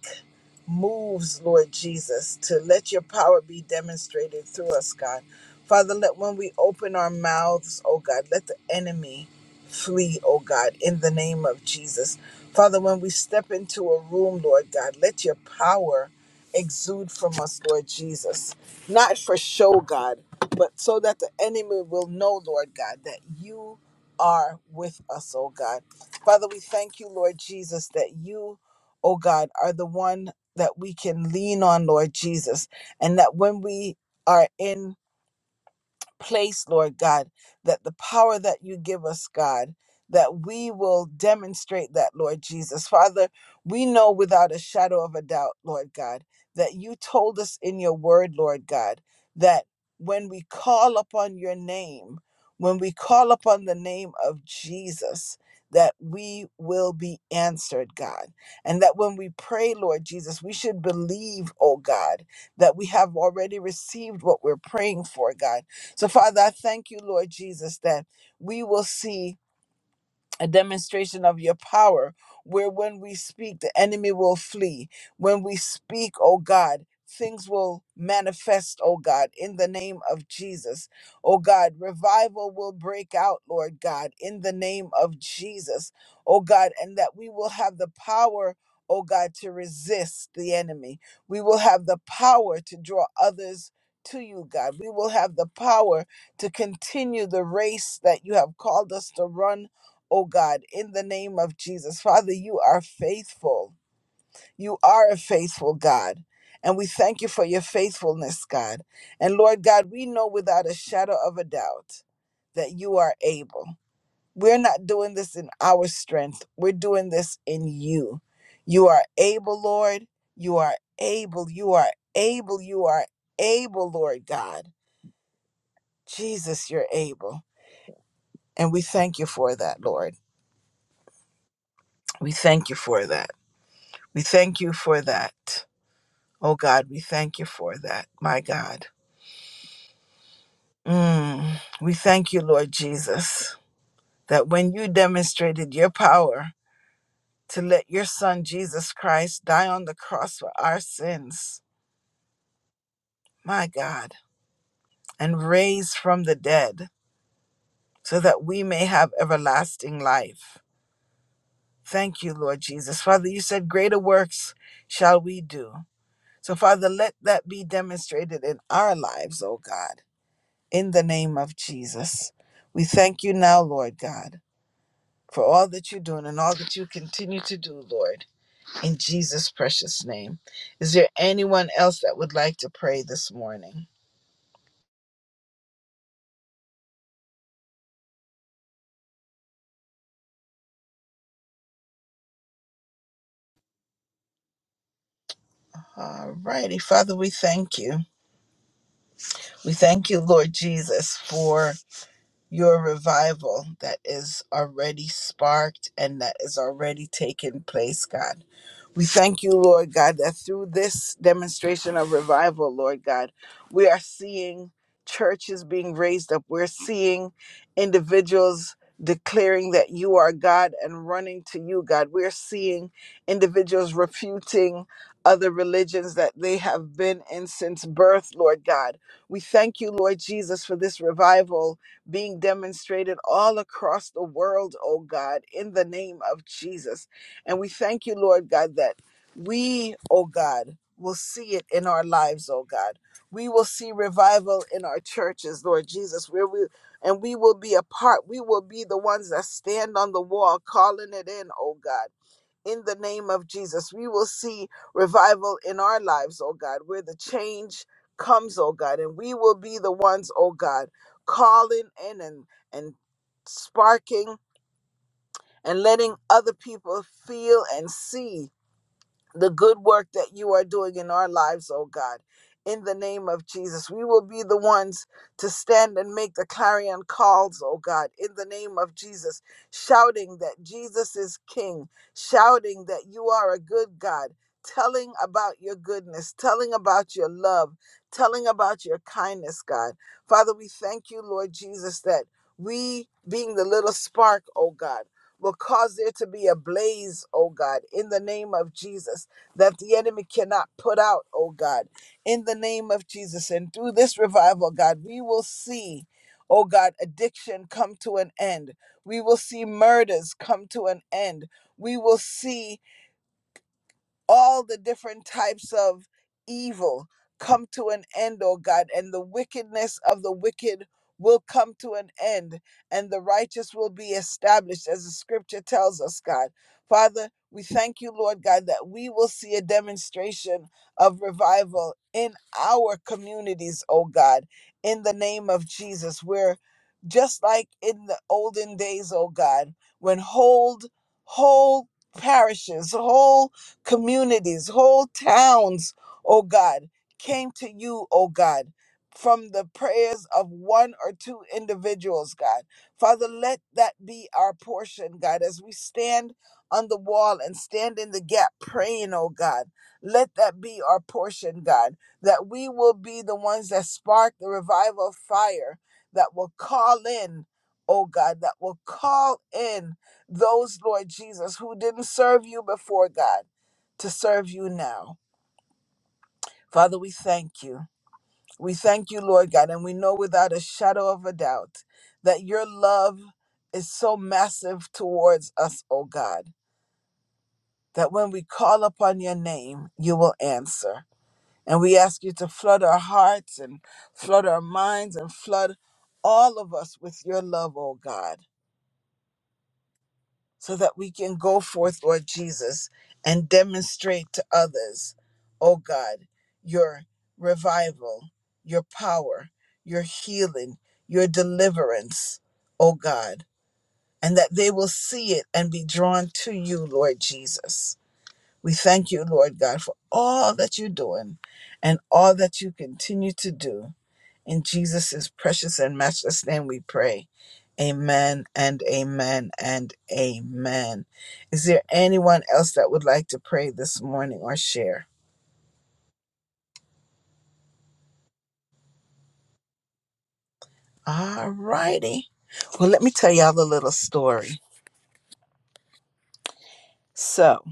Speaker 1: moves, Lord Jesus, to let your power be demonstrated through us, God. Father, let when we open our mouths, oh God, let the enemy flee, oh God, in the name of Jesus. Father, when we step into a room, Lord God, let your power exude from us, Lord Jesus. Not for show, God, but so that the enemy will know, Lord God, that you are with us, oh God. Father, we thank you, Lord Jesus, that you, oh God, are the one that we can lean on, Lord Jesus, and that when we are in place, Lord God, that the power that you give us, God, that we will demonstrate that, Lord Jesus. Father, we know without a shadow of a doubt, Lord God, that you told us in your word, Lord God, that when we call upon your name, when we call upon the name of Jesus, that we will be answered, God. And that when we pray, Lord Jesus, we should believe, oh God, that we have already received what we're praying for, God so, Father, I thank you, Lord Jesus, that we will see a demonstration of your power, where when we speak, the enemy will flee. When we speak, oh God, things will manifest, oh God, in the name of Jesus. Oh God, revival will break out, Lord God, in the name of Jesus. Oh God, and that we will have the power. Oh God, to resist the enemy. We will have the power to draw others to you, God. We will have the power to continue the race that you have called us to run oh God, in the name of Jesus. Father, you are faithful. You are a faithful God. And we thank you for your faithfulness, God. And Lord God, we know without a shadow of a doubt that you are able. We're not doing this in our strength, we're doing this in you. You are able, Lord. You are able. You are able. You are able, Lord God. Jesus, you're able. And we thank you for that, Lord. We thank you for that. We thank you for that. Oh God, we thank you for that, my God. Mm, we thank you, Lord Jesus, that when you demonstrated your power to let your son Jesus Christ die on the cross for our sins, my God, and raise from the dead so that we may have everlasting life. Thank you, Lord Jesus. Father, you said, Greater works shall we do. So, Father, let that be demonstrated in our lives, oh God. in the name of Jesus. We thank you now, Lord God, for all that you're doing and all that you continue to do, Lord, in Jesus' precious name. Is there anyone else that would like to pray this morning? All righty, Father, we thank you. We thank you, Lord Jesus, for your revival that is already sparked and that is already taking place, God. We thank you, Lord God, that through this demonstration of revival, Lord God, we are seeing churches being raised up. We're seeing individuals declaring that you are God and running to you, God. We're seeing individuals refuting other religions that they have been in since birth, Lord God. We thank you, Lord Jesus, for this revival being demonstrated all across the world, oh God, in the name of Jesus. And we thank you, Lord God, that we, oh God, will see it in our lives, oh God. We will see revival in our churches, Lord Jesus, where we and we will be a part. We will be the ones that stand on the wall calling it in, oh God. In the name of Jesus, we will see revival in our lives, oh God, where the change comes, oh God, and we will be the ones, oh God, calling in and and sparking and letting other people feel and see the good work that you are doing in our lives, oh God. In the name of Jesus, we will be the ones to stand and make the clarion calls, oh God, in the name of Jesus, shouting that Jesus is King, shouting that you are a good God, telling about your goodness, telling about your love, telling about your kindness, God. Father, we thank you, Lord Jesus, that we, being the little spark, oh God, will cause there to be a blaze, oh God, in the name of Jesus that the enemy cannot put out, oh God, in the name of Jesus. And through this revival, God, we will see, oh God, addiction come to an end. We will see murders come to an end. We will see all the different types of evil come to an end, O God, and the wickedness of the wicked will come to an end, and the righteous will be established, as the scripture tells us, God. Father, we thank you, Lord God, that we will see a demonstration of revival in our communities, O God, in the name of Jesus, where just like in the olden days, O God, when whole, whole parishes, whole communities, whole towns, oh God, came to you, oh God, from the prayers of one or two individuals, God. Father, let that be our portion, God, as we stand on the wall and stand in the gap praying, oh God. Let that be our portion, God, that we will be the ones that spark the revival of fire that will call in, oh God, that will call in those, Lord Jesus, who didn't serve you before, God to serve you now. Father, we thank you. We thank you, Lord God, and we know without a shadow of a doubt that your love is so massive towards us, O God, that when we call upon your name, you will answer. And we ask you to flood our hearts and flood our minds and flood all of us with your love, O God. so that we can go forth, Lord Jesus, and demonstrate to others, oh God, your revival, your power, your healing, your deliverance, oh God, and that they will see it and be drawn to you, Lord Jesus. We thank you, Lord God, for all that you're doing and all that you continue to do. In Jesus' precious and matchless name we pray. Amen and amen and amen. Is there anyone else that would like to pray this morning or share? All righty. Well, let me tell y'all a little story. So,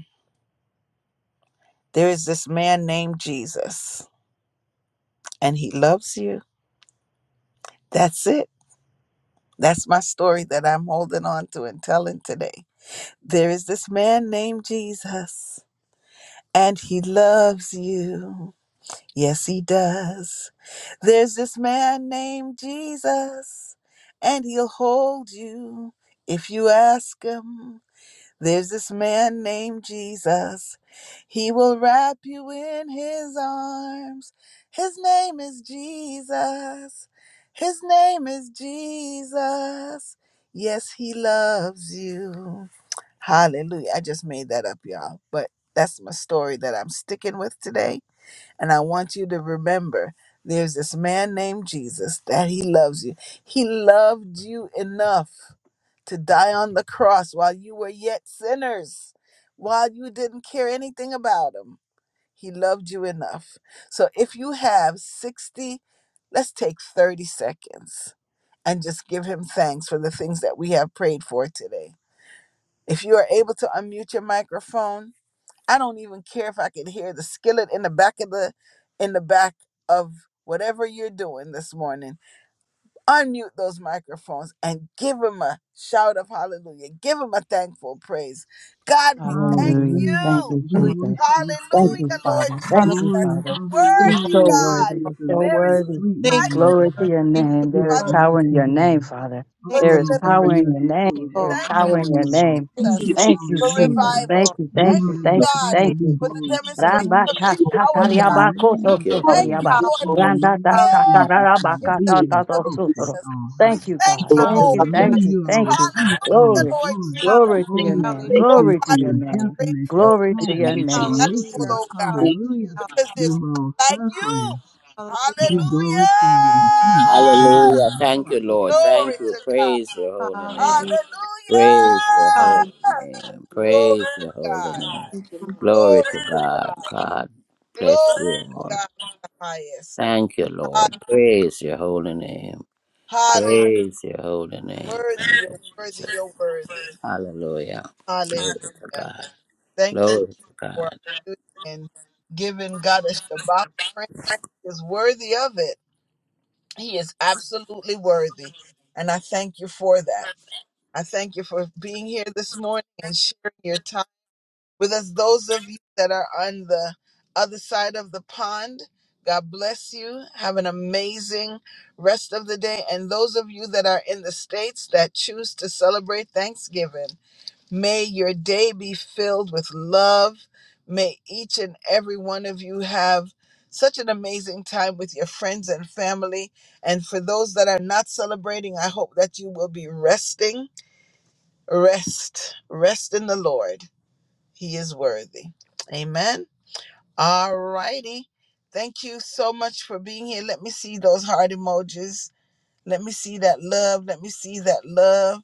Speaker 1: there is this man named Jesus, and he loves you. That's it. That's my story that I'm holding on to and telling today. There is this man named Jesus, and he loves you. Yes, he does. There's this man named Jesus, and he'll hold you if you ask him. There's this man named Jesus. He will wrap you in his arms. His name is Jesus. His name is Jesus. Yes, he loves you. Hallelujah. I just made that up, y'all. But that's my story that I'm sticking with today and I want you to remember there's this man named Jesus that he loves you. He loved you enough to die on the cross while you were yet sinners, while you didn't care anything about him. He loved you enough. So if you have 60, let's take 30 seconds and just give him thanks for the things that we have prayed for today. If you are able to unmute your microphone, I don't even care if I can hear the skillet in the back of the in the back of whatever you're doing this morning. Unmute those microphones and give him a shout of hallelujah. Give him a thankful praise. God, we thank
Speaker 2: Hallelujah. Thank
Speaker 1: you.
Speaker 5: Hallelujah.
Speaker 2: you,
Speaker 5: We
Speaker 6: Hallelujah.
Speaker 2: Jesus.
Speaker 5: worship you,
Speaker 2: Thank
Speaker 6: We
Speaker 2: you,
Speaker 1: Hallelujah,
Speaker 5: Father.
Speaker 1: Lord
Speaker 2: Father. Thank
Speaker 6: honor
Speaker 2: you,
Speaker 1: Jesus.
Speaker 5: Glory,
Speaker 2: Father.
Speaker 1: You're
Speaker 6: you,
Speaker 2: You're
Speaker 5: hallelujah.
Speaker 1: worthy,
Speaker 2: so
Speaker 5: You're
Speaker 1: God.
Speaker 2: worthy.
Speaker 5: worthy is
Speaker 6: Lord.
Speaker 2: You're
Speaker 5: the
Speaker 2: so
Speaker 1: There
Speaker 5: Lamb,
Speaker 1: is
Speaker 2: worthy.
Speaker 5: sweet
Speaker 1: none
Speaker 6: Thank you,
Speaker 5: Lamb
Speaker 1: like
Speaker 5: of
Speaker 1: you,
Speaker 2: Glory to
Speaker 5: God.
Speaker 6: Lord.
Speaker 2: your
Speaker 6: Thank you,
Speaker 2: name.
Speaker 5: You're
Speaker 1: Lord
Speaker 2: There
Speaker 5: the
Speaker 2: is
Speaker 1: Father,
Speaker 6: Lord.
Speaker 2: power in
Speaker 5: mighty
Speaker 2: your name,
Speaker 5: God.
Speaker 2: Father.
Speaker 1: for
Speaker 6: Thank
Speaker 2: There is
Speaker 6: you,
Speaker 5: Oh,
Speaker 6: Lord.
Speaker 5: God,
Speaker 2: power
Speaker 1: deliverance.
Speaker 2: in
Speaker 5: you're
Speaker 2: your
Speaker 6: Thank you,
Speaker 5: Jehovah
Speaker 2: name. There
Speaker 6: Lord.
Speaker 2: is
Speaker 1: Thank you,
Speaker 2: power in
Speaker 5: Shalom.
Speaker 2: your
Speaker 5: You're
Speaker 1: Lord
Speaker 5: our
Speaker 2: name.
Speaker 6: Thank
Speaker 7: Thank you,
Speaker 6: you,
Speaker 1: Jesus,
Speaker 5: peace.
Speaker 6: Lord.
Speaker 2: Thank you,
Speaker 7: Jesus.
Speaker 1: for
Speaker 6: Thank
Speaker 2: Jesus.
Speaker 6: you,
Speaker 5: Hallelujah.
Speaker 2: Thank
Speaker 6: Lord.
Speaker 1: revival.
Speaker 2: you,
Speaker 7: Thank
Speaker 5: Be
Speaker 2: thank
Speaker 1: Thank
Speaker 7: you,
Speaker 2: you,
Speaker 1: you,
Speaker 2: thank
Speaker 7: Lord.
Speaker 2: you,
Speaker 1: God,
Speaker 6: Thank
Speaker 2: thank
Speaker 5: magnified,
Speaker 2: you.
Speaker 6: you,
Speaker 5: be
Speaker 1: for
Speaker 6: Lord.
Speaker 1: the
Speaker 7: Thank you,
Speaker 6: for who
Speaker 7: God.
Speaker 6: you
Speaker 1: demonstration
Speaker 2: Ramba
Speaker 5: glorified.
Speaker 1: of
Speaker 7: Thank you,
Speaker 1: your
Speaker 7: Lord.
Speaker 1: power,
Speaker 5: In the
Speaker 1: God.
Speaker 2: katatariaba
Speaker 6: are.
Speaker 5: name
Speaker 2: koto
Speaker 4: Thank
Speaker 5: of
Speaker 4: you,
Speaker 7: God,
Speaker 4: Lord.
Speaker 1: Thank
Speaker 7: we
Speaker 1: you,
Speaker 5: Shua,
Speaker 7: give
Speaker 2: sutoriaba.
Speaker 7: you
Speaker 1: Lord,
Speaker 5: in
Speaker 7: glory.
Speaker 1: for
Speaker 5: the
Speaker 1: healing
Speaker 2: Randa
Speaker 7: God,
Speaker 2: da
Speaker 5: name of Jesus,
Speaker 2: satararaba
Speaker 1: in
Speaker 5: God,
Speaker 7: we
Speaker 1: the
Speaker 5: be
Speaker 7: give
Speaker 1: name
Speaker 7: you
Speaker 1: of
Speaker 2: katatato
Speaker 7: praise.
Speaker 5: exalted
Speaker 2: sutoro.
Speaker 1: Jesus.
Speaker 5: on
Speaker 1: We
Speaker 5: high.
Speaker 2: Thank you,
Speaker 7: God,
Speaker 1: thank
Speaker 7: we
Speaker 2: God.
Speaker 1: you,
Speaker 6: hallelujah,
Speaker 2: Thank
Speaker 1: Lord.
Speaker 7: glorify
Speaker 2: you,
Speaker 7: your
Speaker 6: hall-
Speaker 2: thank
Speaker 7: name
Speaker 2: you,
Speaker 5: Hallelujah,
Speaker 7: this
Speaker 5: our
Speaker 2: thank you.
Speaker 5: peace,
Speaker 7: morning.
Speaker 5: our
Speaker 1: Hallelujah,
Speaker 7: God,
Speaker 2: Glory,
Speaker 7: we
Speaker 1: Lord
Speaker 5: joy.
Speaker 1: Jesus.
Speaker 7: Thank you,
Speaker 2: glory to
Speaker 5: Oh,
Speaker 2: your
Speaker 7: thank
Speaker 6: Hallelujah.
Speaker 5: we
Speaker 7: you,
Speaker 2: name.
Speaker 7: thank
Speaker 5: thank
Speaker 7: you,
Speaker 1: Oh
Speaker 6: Hallelujah.
Speaker 5: you
Speaker 2: Glory
Speaker 7: thank
Speaker 5: for
Speaker 2: to
Speaker 1: God,
Speaker 5: your
Speaker 2: your
Speaker 7: you.
Speaker 1: we are
Speaker 2: name.
Speaker 5: gentleness, your
Speaker 1: grateful,
Speaker 2: Glory to
Speaker 7: Thank
Speaker 2: your
Speaker 7: you,
Speaker 5: kindness,
Speaker 6: Hallelujah.
Speaker 5: your
Speaker 2: name.
Speaker 7: Jesus.
Speaker 1: thankful,
Speaker 5: meekness.
Speaker 6: Hallelujah.
Speaker 1: oh God,
Speaker 5: Hallelujah,
Speaker 1: because there's
Speaker 5: your long
Speaker 1: none like you.
Speaker 5: suffering. Be
Speaker 6: Hallelujah. Hallelujah.
Speaker 1: Hallelujah.
Speaker 5: glorified in Jesus'
Speaker 6: Hallelujah.
Speaker 4: Hallelujah.
Speaker 5: name.
Speaker 4: Thank you,
Speaker 6: Hallelujah.
Speaker 4: Lord.
Speaker 1: Glory
Speaker 4: Thank you.
Speaker 1: to God.
Speaker 4: Praise your
Speaker 6: Hallelujah.
Speaker 4: holy name.
Speaker 6: Hallelujah.
Speaker 4: Praise your holy
Speaker 6: Hallelujah,
Speaker 1: Hallelujah.
Speaker 4: name.
Speaker 6: Lord.
Speaker 4: Praise
Speaker 1: Glory to
Speaker 4: your holy
Speaker 1: God.
Speaker 4: name.
Speaker 6: Thank you, Lord.
Speaker 4: Glory
Speaker 1: Glory
Speaker 4: to
Speaker 1: to
Speaker 4: God.
Speaker 1: God.
Speaker 4: God bless
Speaker 1: Glory
Speaker 4: you
Speaker 1: to
Speaker 4: all.
Speaker 1: God, the highest.
Speaker 4: Thank you, Lord. Praise your holy name.
Speaker 1: Hallelujah.
Speaker 4: Praise your holy name.
Speaker 1: Worthy,
Speaker 4: Thank you,
Speaker 1: you're worthy,
Speaker 4: Jesus.
Speaker 1: you're worthy.
Speaker 4: Hallelujah.
Speaker 1: Hallelujah.
Speaker 4: Glory to God.
Speaker 1: Thank you
Speaker 4: Glory to God.
Speaker 1: for and giving God a Shabbat praise is worthy of it. He is absolutely worthy. And I thank you for that. I thank you for being here this morning and sharing your time with us. Those of you that are on the other side of the pond, God bless you. Have an amazing rest of the day. And those of you that are in the States that choose to celebrate Thanksgiving, May your day be filled with love. May each and every one of you have such an amazing time with your friends and family. And for those that are not celebrating, I hope that you will be resting. Rest. Rest in the Lord. He is worthy. Amen. All righty. Thank you so much for being here. Let me see those heart emojis. Let me see that love. Let me see that love.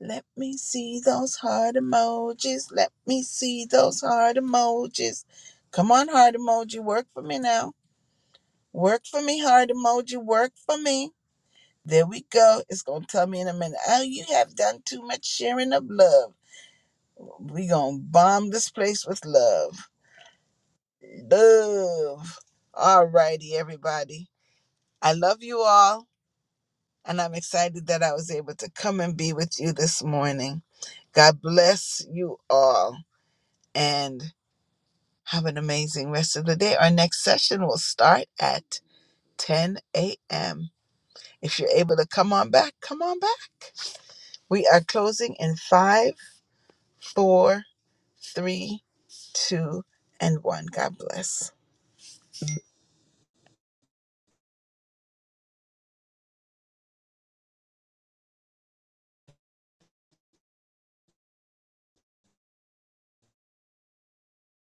Speaker 1: Let me see those heart emojis. Let me see those heart emojis. Come on, heart emoji, work for me now. Work for me, heart emoji, work for me. There we go. It's going to tell me in a minute. Oh, you have done too much sharing of love. we going to bomb this place with love. Love. All righty, everybody. I love you all, and I'm excited that I was able to come and be with you this morning. God bless you all. And Have an amazing rest of the day. Our next session will start at 10 a.m. If you're able to come on back, come on back. We are closing in five, four, three, two, and one. God bless.